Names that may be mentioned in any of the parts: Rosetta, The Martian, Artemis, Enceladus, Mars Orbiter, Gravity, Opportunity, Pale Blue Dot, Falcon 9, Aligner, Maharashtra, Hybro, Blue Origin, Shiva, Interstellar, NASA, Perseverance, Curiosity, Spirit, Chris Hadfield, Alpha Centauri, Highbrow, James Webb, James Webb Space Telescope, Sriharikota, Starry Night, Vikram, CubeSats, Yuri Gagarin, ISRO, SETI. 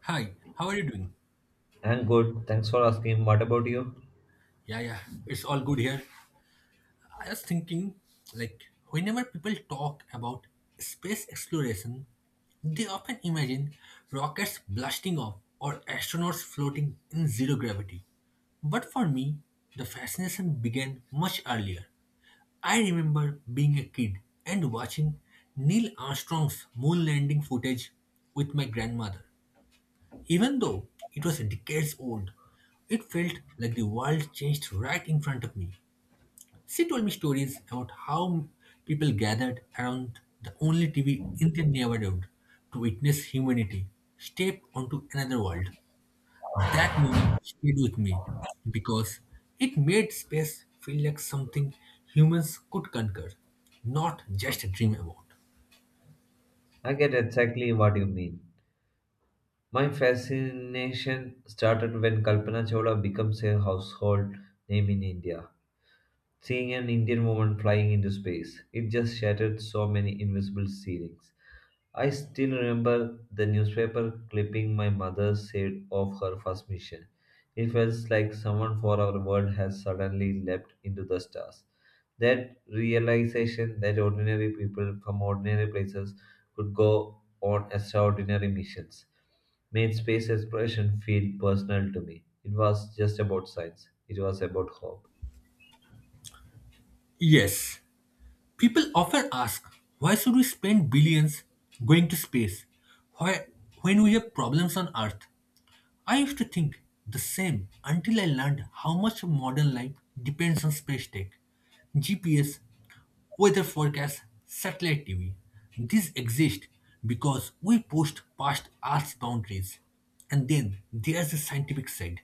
Hi, how are you doing? I'm good. Thanks for asking. What about you? Yeah, yeah, it's all good here. I was thinking, like, whenever people talk about space exploration, they often imagine rockets blasting off or astronauts floating in zero gravity. But for me, the fascination began much earlier. I remember being a kid and watching Neil Armstrong's moon landing footage with my grandmother. Even though it was decades old, it felt like the world changed right in front of me. She told me stories about how people gathered around the only TV in their neighborhood to witness humanity step onto another world. That moment stayed with me because it made space feel like something humans could conquer, not just dream about. I get exactly what you mean. My fascination started when Kalpana Chawla becomes a household name in India. Seeing an Indian woman flying into space, it just shattered so many invisible ceilings. I still remember the newspaper clipping my mother said of her first mission. It felt like someone for our world has suddenly leapt into the stars. That realization that ordinary people from ordinary places could go on extraordinary missions made space exploration feel personal to me. It was just about science, it was about hope. Yes, people often ask, why should we spend billions going to space, why, when we have problems on Earth? I used to think the same until I learned how much of modern life depends on space tech, GPS, weather forecasts, satellite TV. These exist because we pushed past Earth's boundaries. And then there's the scientific side,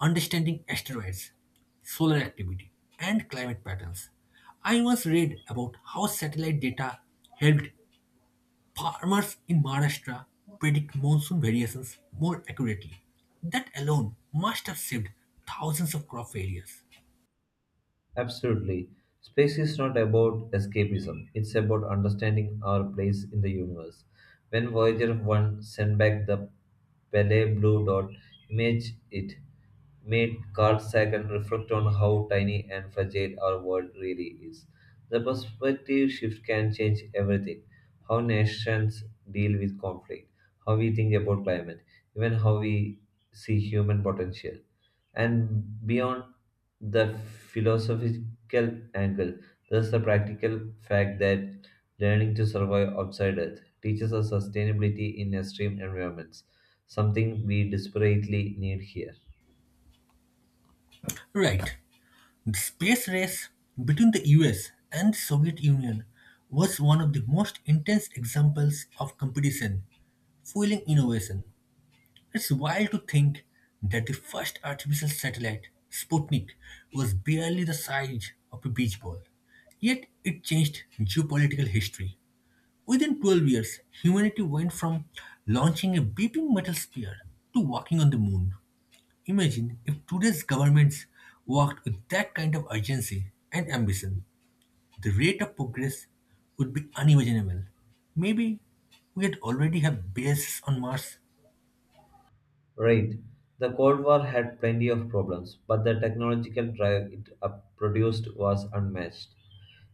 understanding asteroids, solar activity, and climate patterns. I once read about how satellite data helped farmers in Maharashtra predict monsoon variations more accurately. That alone must have saved thousands of crop failures. Absolutely. Space is not about escapism, it's about understanding our place in the universe. When Voyager 1 sent back the Pele Blue Dot image, it made Carl Sagan reflect on how tiny and fragile our world really is. The perspective shift can change everything, how nations deal with conflict, how we think about climate, even how we see human potential. And beyond the philosophical angle, there's the practical fact that learning to survive outside Earth teaches us sustainability in extreme environments, something we desperately need here. Right, the space race between the US and the Soviet Union was one of the most intense examples of competition fueling innovation. It's wild to think that the first artificial satellite, Sputnik, was barely the size of a beach ball. Yet it changed geopolitical history. Within 12 years, humanity went from launching a beeping metal sphere to walking on the moon. Imagine if today's governments worked with that kind of urgency and ambition, the rate of progress would be unimaginable. Maybe we'd already have bases on Mars, Right. The Cold War had plenty of problems, but the technological drive it produced was unmatched.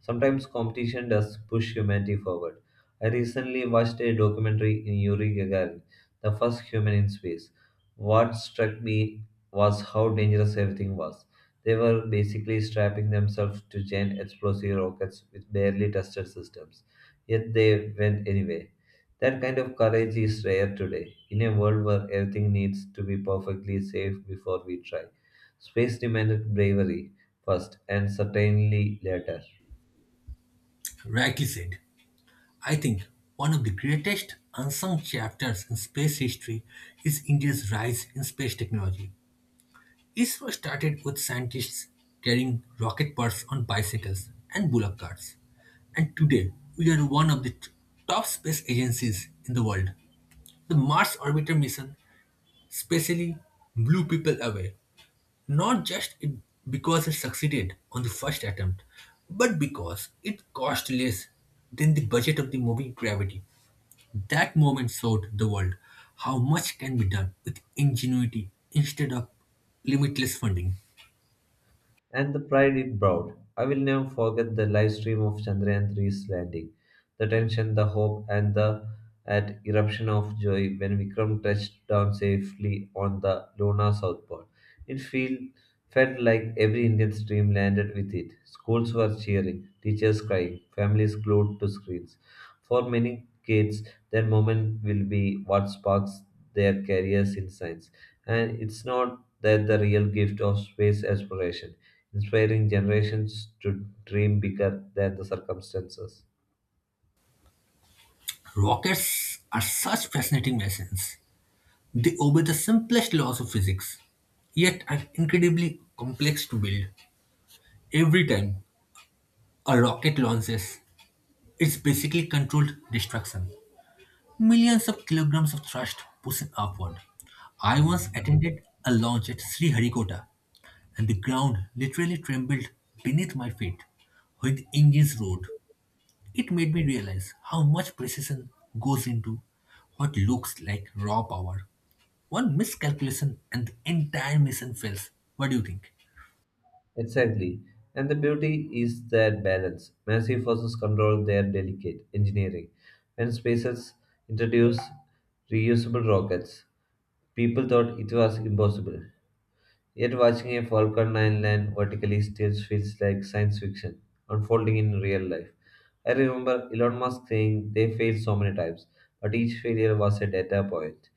Sometimes competition does push humanity forward. I recently watched a documentary in Yuri Gagarin, the first human in space. What struck me was how dangerous everything was. They were basically strapping themselves to giant explosive rockets with barely tested systems. Yet they went anyway. That kind of courage is rare today, in a world where everything needs to be perfectly safe before we try. Space demanded bravery first and certainly later. rightly said. I think one of the greatest unsung chapters in space history is India's rise in space technology. ISRO started with scientists carrying rocket parts on bicycles and bullock carts. And today, we are one of the top space agencies in the world. The Mars Orbiter mission specially blew people away, not just it, because it succeeded on the first attempt, but because it cost less than the budget of the movie Gravity. That moment showed the world how much can be done with ingenuity instead of limitless funding. And the pride it brought. I will never forget the live stream of Chandrayaan-3's landing, the tension, the hope, and the at eruption of joy when Vikram touched down safely on the Luna South Pole. It felt like every Indian's dream landed with it. Schools were cheering, teachers crying, families glued to screens. For many kids, their moment will be what sparks their careers in science. And it's not that the real gift of space exploration inspiring generations to dream bigger than the circumstances. Rockets are such fascinating machines. They obey the simplest laws of physics, yet are incredibly complex to build. Every time a rocket launches, it's basically controlled destruction. Millions of kilograms of thrust pushing upward. I once attended a launch at Sriharikota and the ground literally trembled beneath my feet with engines roared. It made me realize how much precision goes into what looks like raw power. One miscalculation and the entire mission fails. What do you think? Exactly. And the beauty is that balance. Massive forces control their delicate engineering. When SpaceX introduced reusable rockets, people thought it was impossible. Yet watching a Falcon 9 land vertically still feels like science fiction unfolding in real life. I remember Elon Musk saying they failed so many times, but each failure was a data point.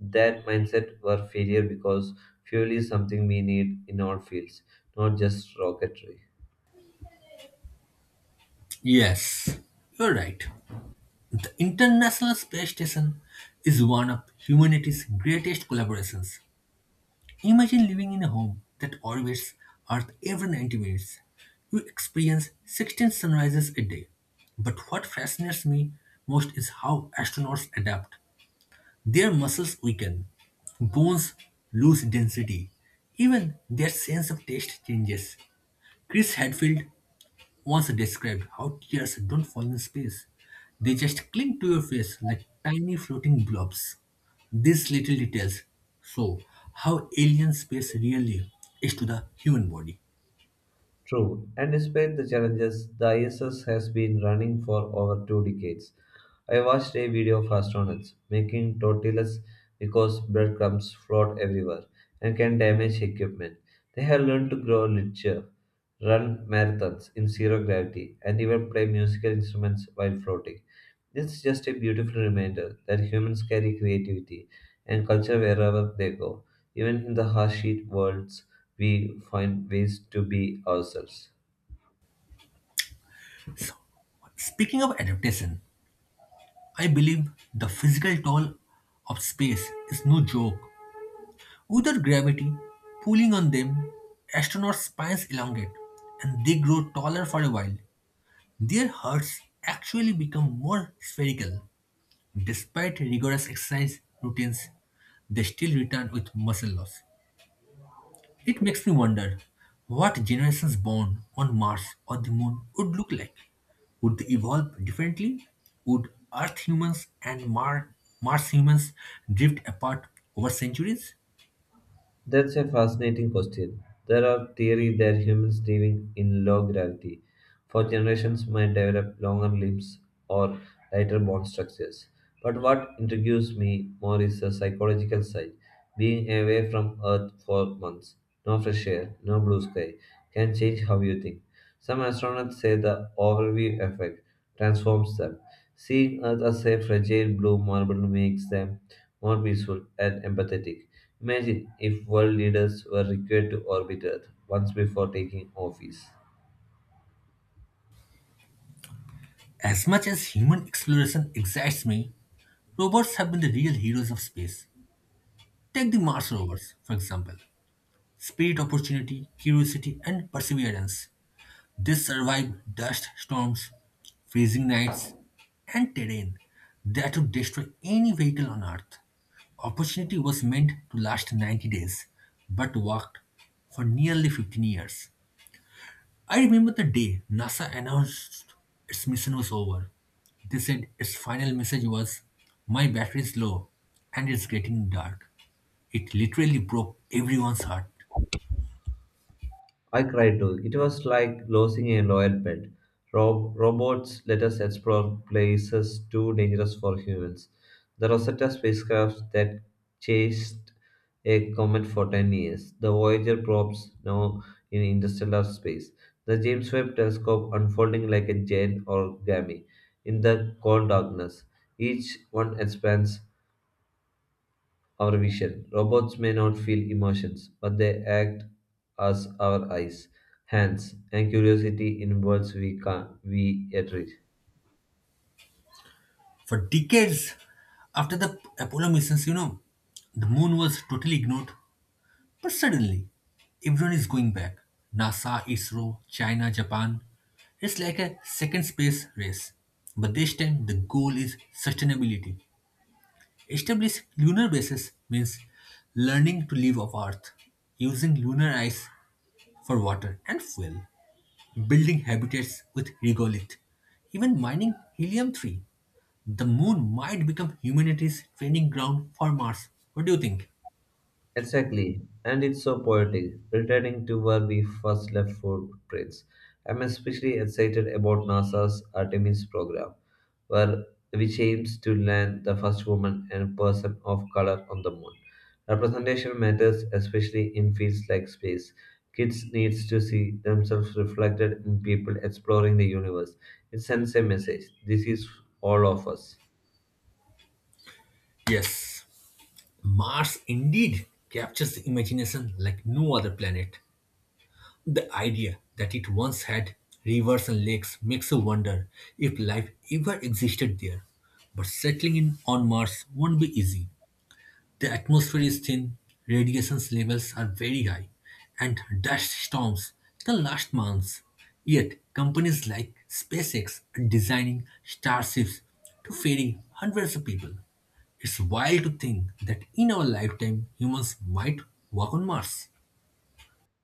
That mindset were failure because fuel is something we need in all fields, not just rocketry. Yes, you're right. The International Space Station is one of humanity's greatest collaborations. Imagine living in a home that orbits Earth every 90 minutes. You experience 16 sunrises a day. But what fascinates me most is how astronauts adapt. Their muscles weaken, bones lose density, even their sense of taste changes. Chris Hadfield once described how tears don't fall in space. They just cling to your face like tiny floating blobs. These little details show how alien space really is to the human body. True, and despite the challenges, the ISS has been running for over 2 decades. I watched a video of astronauts making tortillas because breadcrumbs float everywhere and can damage equipment. They have learned to grow literature, run marathons in zero gravity, and even play musical instruments while floating. This is just a beautiful reminder that humans carry creativity and culture wherever they go, even in the harsh heat worlds we find ways to be ourselves. So, speaking of adaptation, I believe the physical toll of space is no joke. Without gravity pulling on them, astronauts' spines elongate and they grow taller for a while. Their hearts actually become more spherical. Despite rigorous exercise routines, they still return with muscle loss. It makes me wonder what generations born on Mars or the Moon would look like. Would they evolve differently? Would Earth humans and Mars humans drift apart over centuries? That's a fascinating question. There are theories that humans living in low gravity for generations might develop longer limbs or lighter bone structures. But what intrigues me more is the psychological side. Being away from Earth for months, no fresh air, no blue sky, can change how you think. Some astronauts say the overview effect transforms them. Seeing Earth as a fragile blue marble makes them more peaceful and empathetic. Imagine if world leaders were required to orbit Earth once before taking office. As much as human exploration excites me, robots have been the real heroes of space. Take the Mars rovers, for example. Spirit, opportunity, curiosity, and perseverance. They survive dust storms, freezing nights, and terrain that would destroy any vehicle on Earth. Opportunity was meant to last 90 days, but worked for nearly 15 years. I remember the day NASA announced its mission was over. They said its final message was, my battery's low and it's getting dark. It literally broke everyone's heart. I cried too. It was like losing a loyal pet. Robots let us explore places too dangerous for humans. The Rosetta spacecraft that chased a comet for 10 years. The Voyager probes now in interstellar space. The James Webb telescope unfolding like a giant origami in the cold darkness. Each one expands our vision. Robots may not feel emotions, but they act as our eyes, hands, and curiosity in worlds we can't we yet reach. For decades, after the Apollo missions, the moon was totally ignored, but suddenly everyone is going back. NASA, ISRO, China, Japan. It's like a second space race. But this time the goal is sustainability. Establish lunar bases means learning to live off Earth, using lunar ice for water and fuel, building habitats with regolith, even mining helium 3. The moon might become humanity's training ground for Mars. What do you think? Exactly, and it's so poetic, returning to where we first left footprints. I'm especially excited about NASA's Artemis program, where which aims to land the first woman and person of color on the moon. Representation matters, especially in fields like space. Kids needs to see themselves reflected in people exploring the universe. It sends a message: this is all of us. Yes, Mars indeed captures the imagination like no other planet. The idea that it once had rivers and lakes makes you wonder if life ever existed there. But settling in on Mars won't be easy. The atmosphere is thin, radiation levels are very high, and dust storms can last months. Yet, companies like SpaceX are designing starships to ferry hundreds of people. It's wild to think that in our lifetime, humans might walk on Mars.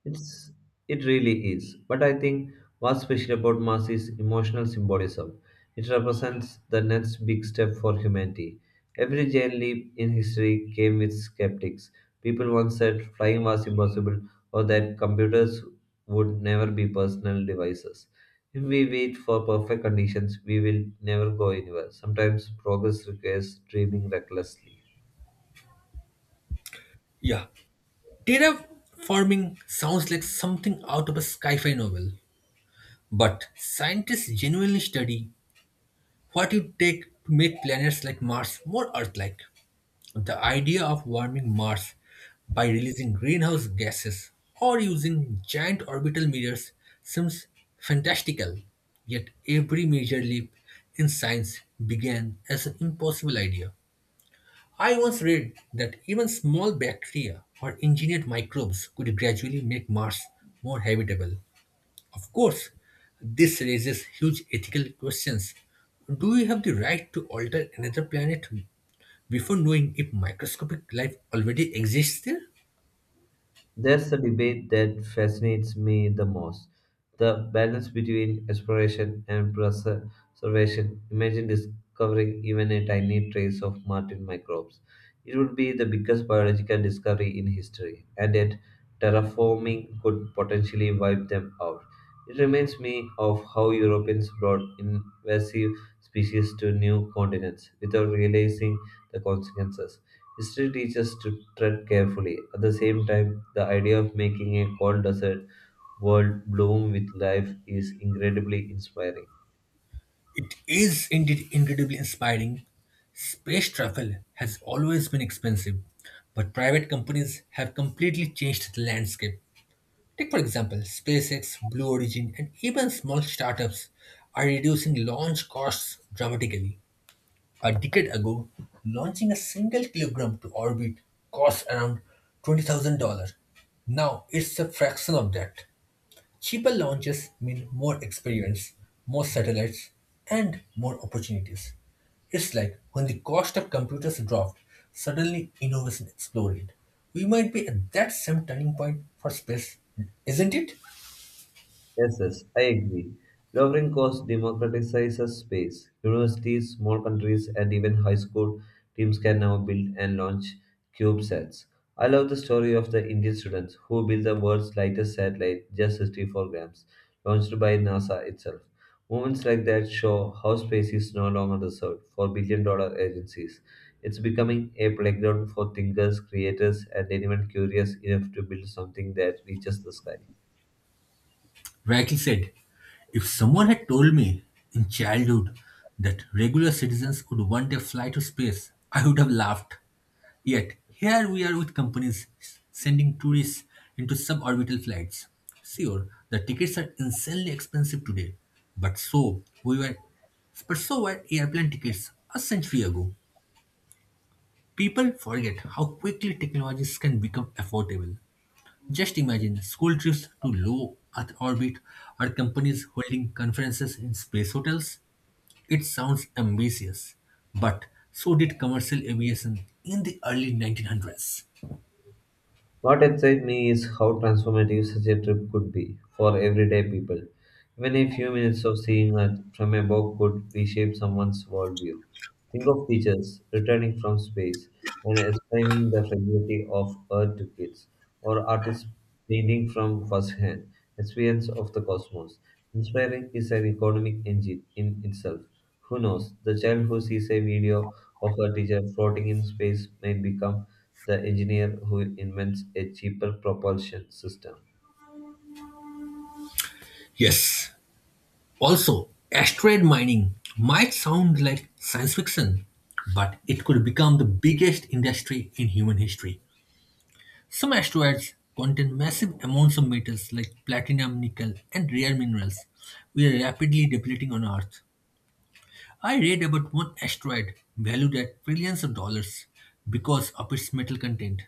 It's it really is. But I think what's special about Mars is emotional symbolism. It represents the next big step for humanity. Every giant leap in history came with skeptics. People once said flying was impossible or that computers would never be personal devices. If we wait for perfect conditions, we will never go anywhere. Sometimes progress requires dreaming recklessly. Yeah, terraforming sounds like something out of a sci fi novel, but scientists genuinely study what it takes to make planets like Mars more Earth like. The idea of warming Mars by releasing greenhouse gases or using giant orbital mirrors seems fantastical, yet every major leap in science began as an impossible idea. I once read that even small bacteria or engineered microbes could gradually make Mars more habitable. Of course, this raises huge ethical questions. Do we have the right to alter another planet before knowing if microscopic life already exists there? That's the debate that fascinates me the most. The balance between exploration and preservation. Imagine discovering even a tiny trace of Martian microbes. It would be the biggest biological discovery in history, and yet terraforming could potentially wipe them out. It reminds me of how Europeans brought invasive species to new continents without realizing the consequences. History teaches to tread carefully. At the same time, the idea of making a cold desert world bloom with life is incredibly inspiring. It is indeed incredibly inspiring. Space travel has always been expensive, but private companies have completely changed the landscape. Take, for example, SpaceX, Blue Origin, and even small startups are reducing launch costs dramatically. A decade ago, launching a single kilogram to orbit cost around $20,000. Now it's a fraction of that. Cheaper launches mean more experience, more satellites, and more opportunities. It's like when the cost of computers dropped, suddenly innovation exploded. We might be at that same turning point for space, isn't it? Yes, yes, I agree. Lowering costs democratizes space. Universities, small countries, and even high school teams can now build and launch CubeSats. I love the story of the Indian students who built the world's lightest satellite, just 64 grams, launched by NASA itself. Moments like that show how space is no longer reserved for billion dollar agencies. It's becoming a playground for thinkers, creators, and anyone curious enough to build something that reaches the sky. Rightly said. If someone had told me in childhood that regular citizens would one day fly to space, I would have laughed. Yet, here we are with companies sending tourists into suborbital flights. Sure, the tickets are insanely expensive today, but so we were but so were airplane tickets a century ago. People forget how quickly technologies can become affordable. Just imagine school trips to low Earth orbit or companies holding conferences in space hotels. It sounds ambitious, but so did commercial aviation in the early 1900s. What excites me is how transformative such a trip could be for everyday people. Even a few minutes of seeing a, from above could reshape someone's worldview. Think of teachers returning from space and explaining the fragility of Earth to kids, or artists painting from first-hand experience of the cosmos. Inspiring is an economic engine in itself. Who knows? The child who sees a video of a teacher floating in space may become the engineer who invents a cheaper propulsion system. Yes, also, asteroid mining might sound like science fiction, but it could become the biggest industry in human history. Some asteroids contain massive amounts of metals like platinum, nickel, and rare minerals we are rapidly depleting on Earth. I read about one asteroid valued at trillions of dollars because of its metal content.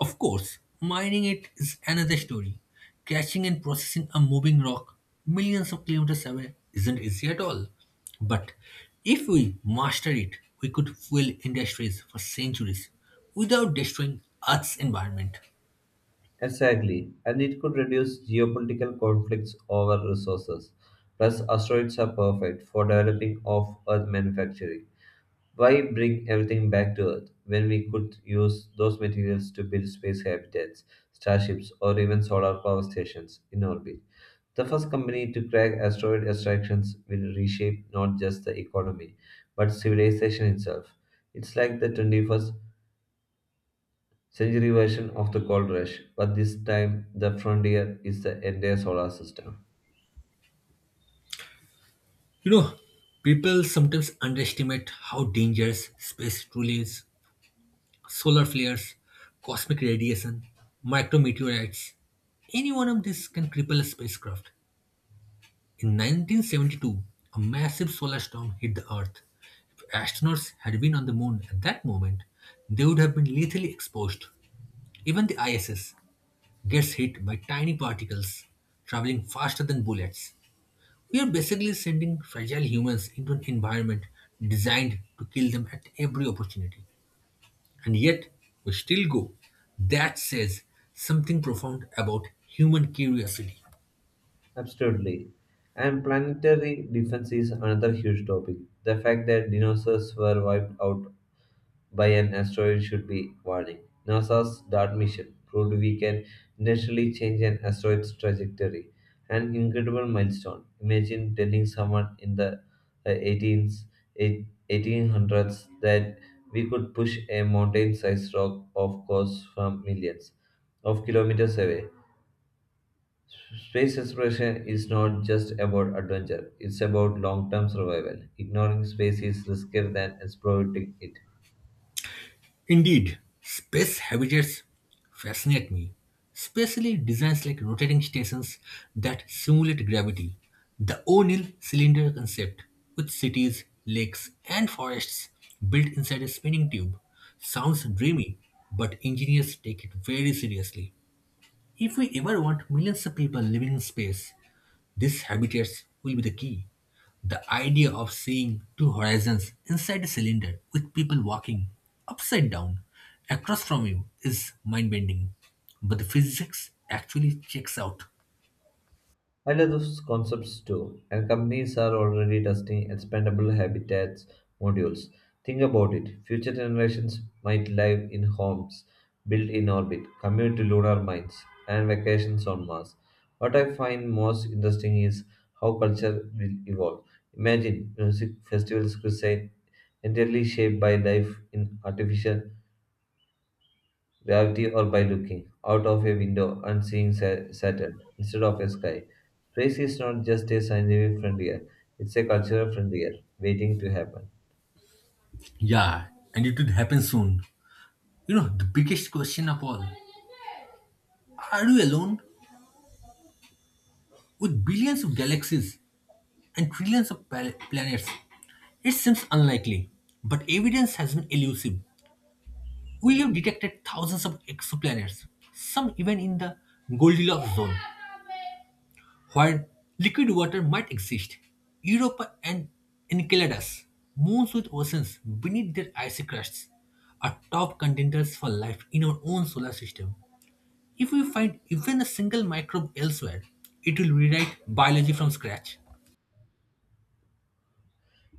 Of course, mining it is another story. Catching and processing a moving rock millions of kilometers away isn't easy at all. But if we master it, we could fuel industries for centuries without destroying Earth's environment. Exactly, and it could reduce geopolitical conflicts over resources. Plus, asteroids are perfect for developing off Earth manufacturing. Why bring everything back to Earth when we could use those materials to build space habitats, starships, or even solar power stations in orbit? The first company to crack asteroid extractions will reshape not just the economy, but civilization itself. It's like the 21st century version of the gold rush, but this time the frontier is the entire solar system. You know, people sometimes underestimate how dangerous space truly is. Solar flares, cosmic radiation, micrometeorites. Any one of these can cripple a spacecraft. In 1972, a massive solar storm hit the Earth. If astronauts had been on the moon at that moment, they would have been lethally exposed. Even the ISS gets hit by tiny particles traveling faster than bullets. We are basically sending fragile humans into an environment designed to kill them at every opportunity. And yet, we still go. That says something profound about human curiosity. Absolutely. And planetary defense is another huge topic. The fact that dinosaurs were wiped out by an asteroid should be warning. NASA's DART mission proved we can intentionally change an asteroid's trajectory. An incredible milestone. Imagine telling someone in the 18s, that we could push a mountain sized rock off course from millions of kilometers away. Space exploration is not just about adventure, it's about long term survival. Ignoring space is riskier than exploiting it. Indeed, space habitats fascinate me, especially designs like rotating stations that simulate gravity. The O'Neill cylinder concept, with cities, lakes, and forests built inside a spinning tube, sounds dreamy, but engineers take it very seriously. If we ever want millions of people living in space, these habitats will be the key. The idea of seeing two horizons inside a cylinder with people walking upside down across from you is mind bending. But the physics actually checks out. I love those concepts too, and companies are already testing expandable habitats modules. Think about it, future generations might live in homes built in orbit, commute to lunar mines, and vacations on Mars. What I find most interesting is how culture will evolve. Imagine music festivals crusade entirely shaped by life in artificial gravity or by looking out of a window and seeing Saturn instead of a sky. Space is not just a scientific frontier, it's a cultural frontier waiting to happen. Yeah, and it would happen soon. You know, the biggest question of all, are we alone with billions of galaxies and trillions of planets? It seems unlikely, but evidence has been elusive. We have detected thousands of exoplanets, some even in the Goldilocks zone, where liquid water might exist. Europa and Enceladus, moons with oceans beneath their icy crusts, are top contenders for life in our own solar system. If we find even a single microbe elsewhere, it will rewrite biology from scratch.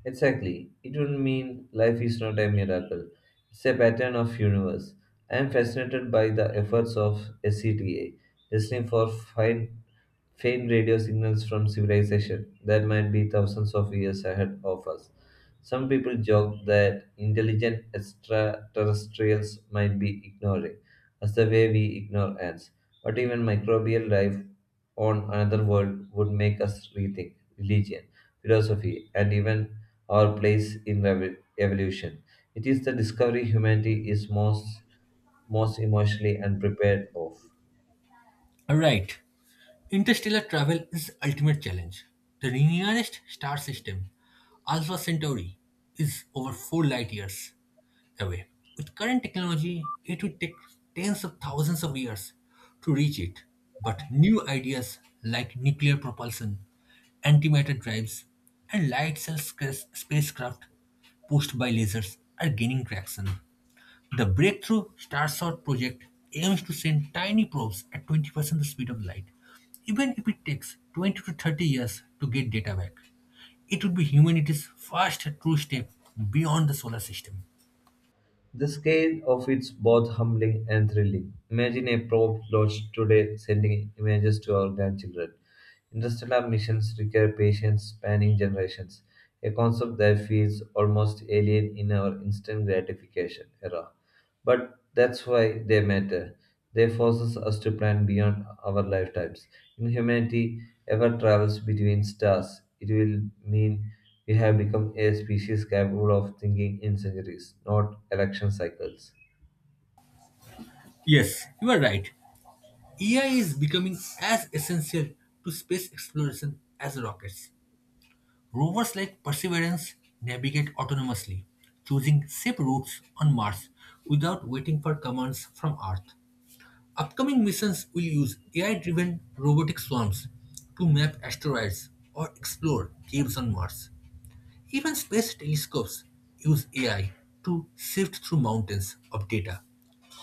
Exactly. It would mean life is not a miracle. It's a pattern of universe. I am fascinated by the efforts of SCTA, listening for fine faint radio signals from civilization that might be thousands of years ahead of us. Some people joke that intelligent extraterrestrials might be ignoring us the way we ignore ants. But even microbial life on another world would make us rethink religion, philosophy, and even our place in evolution. It is the discovery humanity is most emotionally unprepared of. Alright, interstellar travel is the ultimate challenge. The nearest star system, Alpha Centauri, is over 4 light years away. With current technology, it would take tens of thousands of years to reach it. But new ideas like nuclear propulsion, antimatter drives, and spacecraft pushed by lasers are gaining traction. The breakthrough Starshot project aims to send tiny probes at 20% the speed of light. Even if it takes 20 to 30 years to get data back, it would be humanity's first true step beyond the solar system. The scale of it's both humbling and thrilling. Imagine a probe launched today sending images to our grandchildren. Interstellar missions require patience spanning generations, a concept that feels almost alien in our instant gratification era. But that's why they matter. They force us to plan beyond our lifetimes in humanity ever travels between stars, it will mean we have become a species capable of thinking in centuries, not election cycles. Yes, you are right. AI is becoming as essential to space exploration as rockets. Rovers like Perseverance navigate autonomously, choosing safe routes on Mars without waiting for commands from Earth. Upcoming missions will use AI driven robotic swarms to map asteroids or explore caves on Mars. Even space telescopes use AI to sift through mountains of data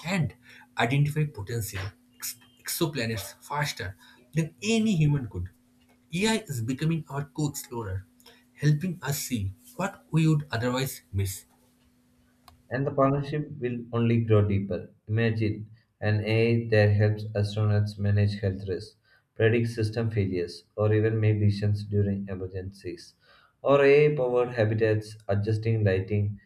and identify potential ex- exoplanets faster than any human could. AI is becoming our co explorer, helping us see what we would otherwise miss. And the partnership will only grow deeper. Imagine an AI that helps astronauts manage health risks, predict system failures, or even make decisions during emergencies. Or AI powered habitats adjusting lighting,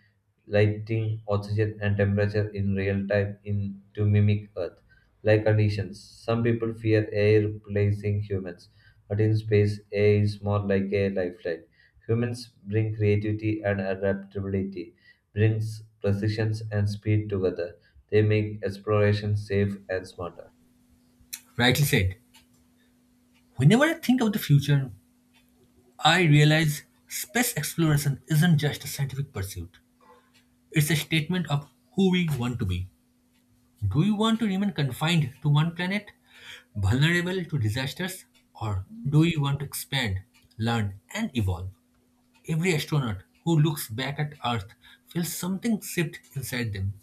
lighting, oxygen, and temperature in real time in to mimic Earth like conditions. Some people fear AI replacing humans, but in space, AI is more like a lifeline. Humans bring creativity and adaptability brings precision and speed together. They make exploration safe and smarter. Rightly said, whenever I think of the future, I realize space exploration isn't just a scientific pursuit, it's a statement of who we want to be. Do you want to remain confined to one planet, vulnerable to disasters, or do you want to expand, learn, and evolve? Every astronaut who looks back at Earth feels something shift inside them.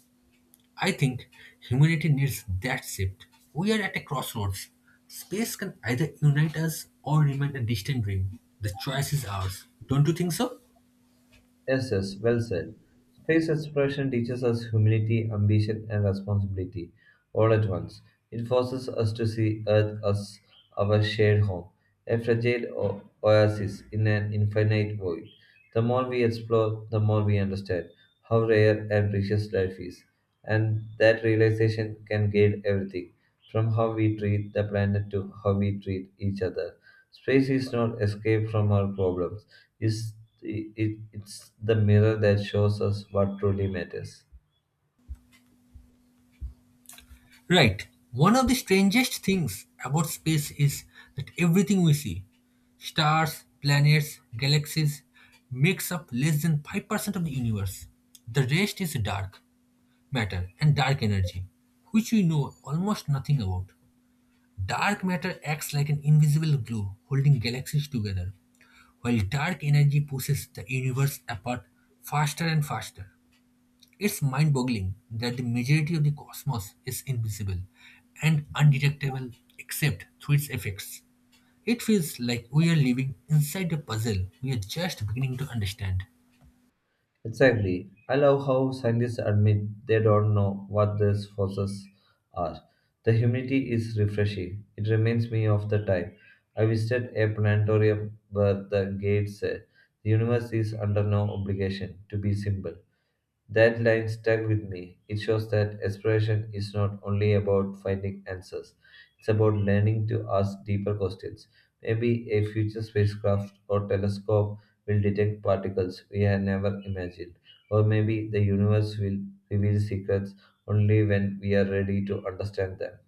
I think humanity needs that shift. We are at a crossroads. Space can either unite us or remain a distant dream. The choice is ours. Don't you think so? Yes, yes, well said. Space exploration teaches us humility, ambition, and responsibility all at once. It forces us to see Earth as our shared home, a fragile oasis in an infinite void. The more we explore, the more we understand how rare and precious life is, and that realization can guide everything from how we treat the planet to how we treat each other. Space is not escape from our problems is it, it's the mirror that shows us what truly matters. Right. One of the strangest things about space is that everything we see, stars, planets, galaxies, makes up less than 5% of the universe. The rest is dark matter and dark energy, which we know almost nothing about. Dark matter acts like an invisible glue holding galaxies together, while dark energy pushes the universe apart faster and faster. It's mind boggling that the majority of the cosmos is invisible and undetectable except through its effects. It feels like we are living inside a puzzle we are just beginning to understand. Exactly. I love how scientists admit they don't know what these forces are. The humidity is refreshing. It reminds me of the time I visited a planetarium where the gate said the universe is under no obligation to be simple. That line stuck with me. It shows that exploration is not only about finding answers, it's about learning to ask deeper questions. Maybe a future spacecraft or telescope will detect particles we had never imagined, or maybe the universe will reveal secrets only when we are ready to understand them.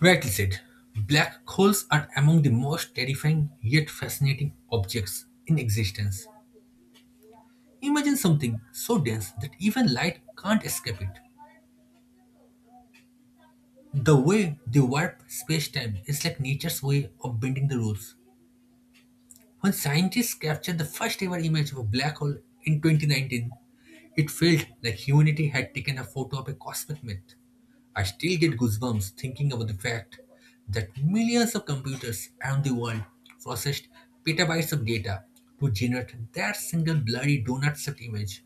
Rightly said, black holes are among the most terrifying yet fascinating objects in existence. Imagine something so dense that even light can't escape it. The way they warp space time is like nature's way of bending the rules. When scientists captured the first ever image of a black hole in 2019, it felt like humanity had taken a photo of a cosmic myth. I still get goosebumps thinking about the fact that millions of computers around the world processed petabytes of data to generate that single blurry donut shaped image.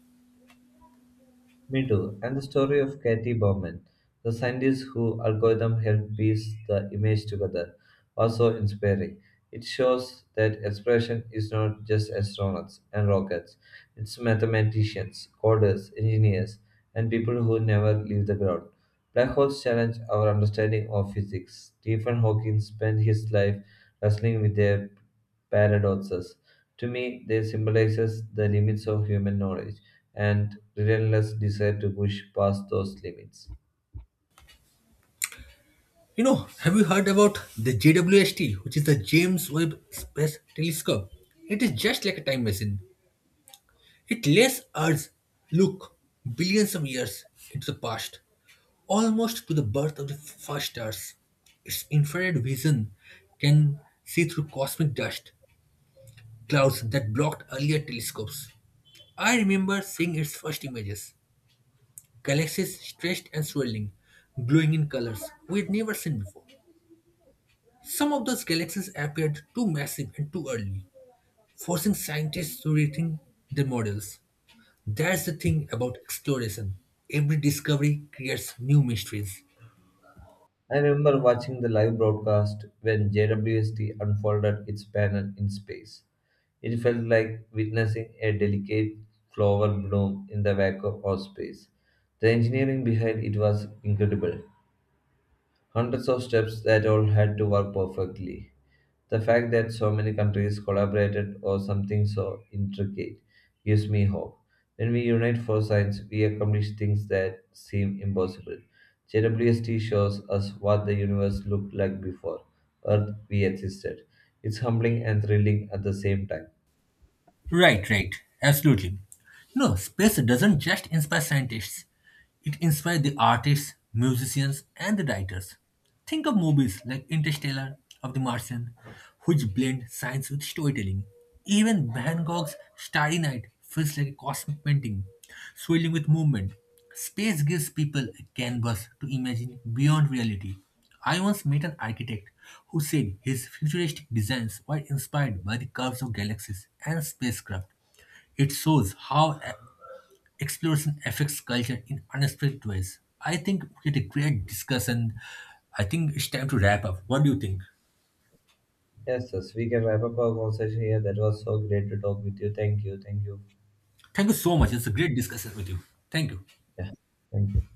Me too. And the story of Katie Bowman, the scientist who algorithm helped piece the image together, was so inspiring. It shows that exploration is not just astronauts and rockets, it's mathematicians, coders, engineers, and people who never leave the ground. Black holes challenge our understanding of physics. Stephen Hawking spent his life wrestling with their paradoxes. To me, they symbolize the limits of human knowledge and relentless desire to push past those limits. You know, have you heard about the JWST, which is the James Webb Space Telescope? It is just like a time machine. It lets us look billions of years into the past, almost to the birth of the first stars. Its infrared vision can see through cosmic dust, clouds that blocked earlier telescopes. I remember seeing its first images, galaxies stretched and swirling, glowing in colors we'd never seen before. Some of those galaxies appeared too massive and too early, forcing scientists to rethink their models. That's the thing about exploration. Every discovery creates new mysteries. I remember watching the live broadcast when JWST unfolded its panel in space. It felt like witnessing a delicate flower bloom in the vacuum of space. The engineering behind it was incredible, hundreds of steps that all had to work perfectly. The fact that so many countries collaborated or something so intricate gives me hope. When we unite for science, we accomplish things that seem impossible. JWST shows us what the universe looked like before Earth we existed. It's humbling and thrilling at the same time. Right, right. Absolutely. No, space doesn't just inspire scientists, it inspires the artists, musicians, and the writers. Think of movies like Interstellar of the Martian, which blend science with storytelling. Even Van Gogh's Starry Night feels like a cosmic painting, swirling with movement. Space gives people a canvas to imagine beyond reality. I once met an architect who said his futuristic designs were inspired by the curves of galaxies and spacecraft. It shows how exploration affects culture in unexpected ways. I think we had a great discussion. I think it's time to wrap up. What do you think? Yes, yes, we can wrap up our conversation here. That was so great to talk with you. Thank you, thank you. Thank you so much. It's a great discussion with you. Thank you. Yeah, thank you.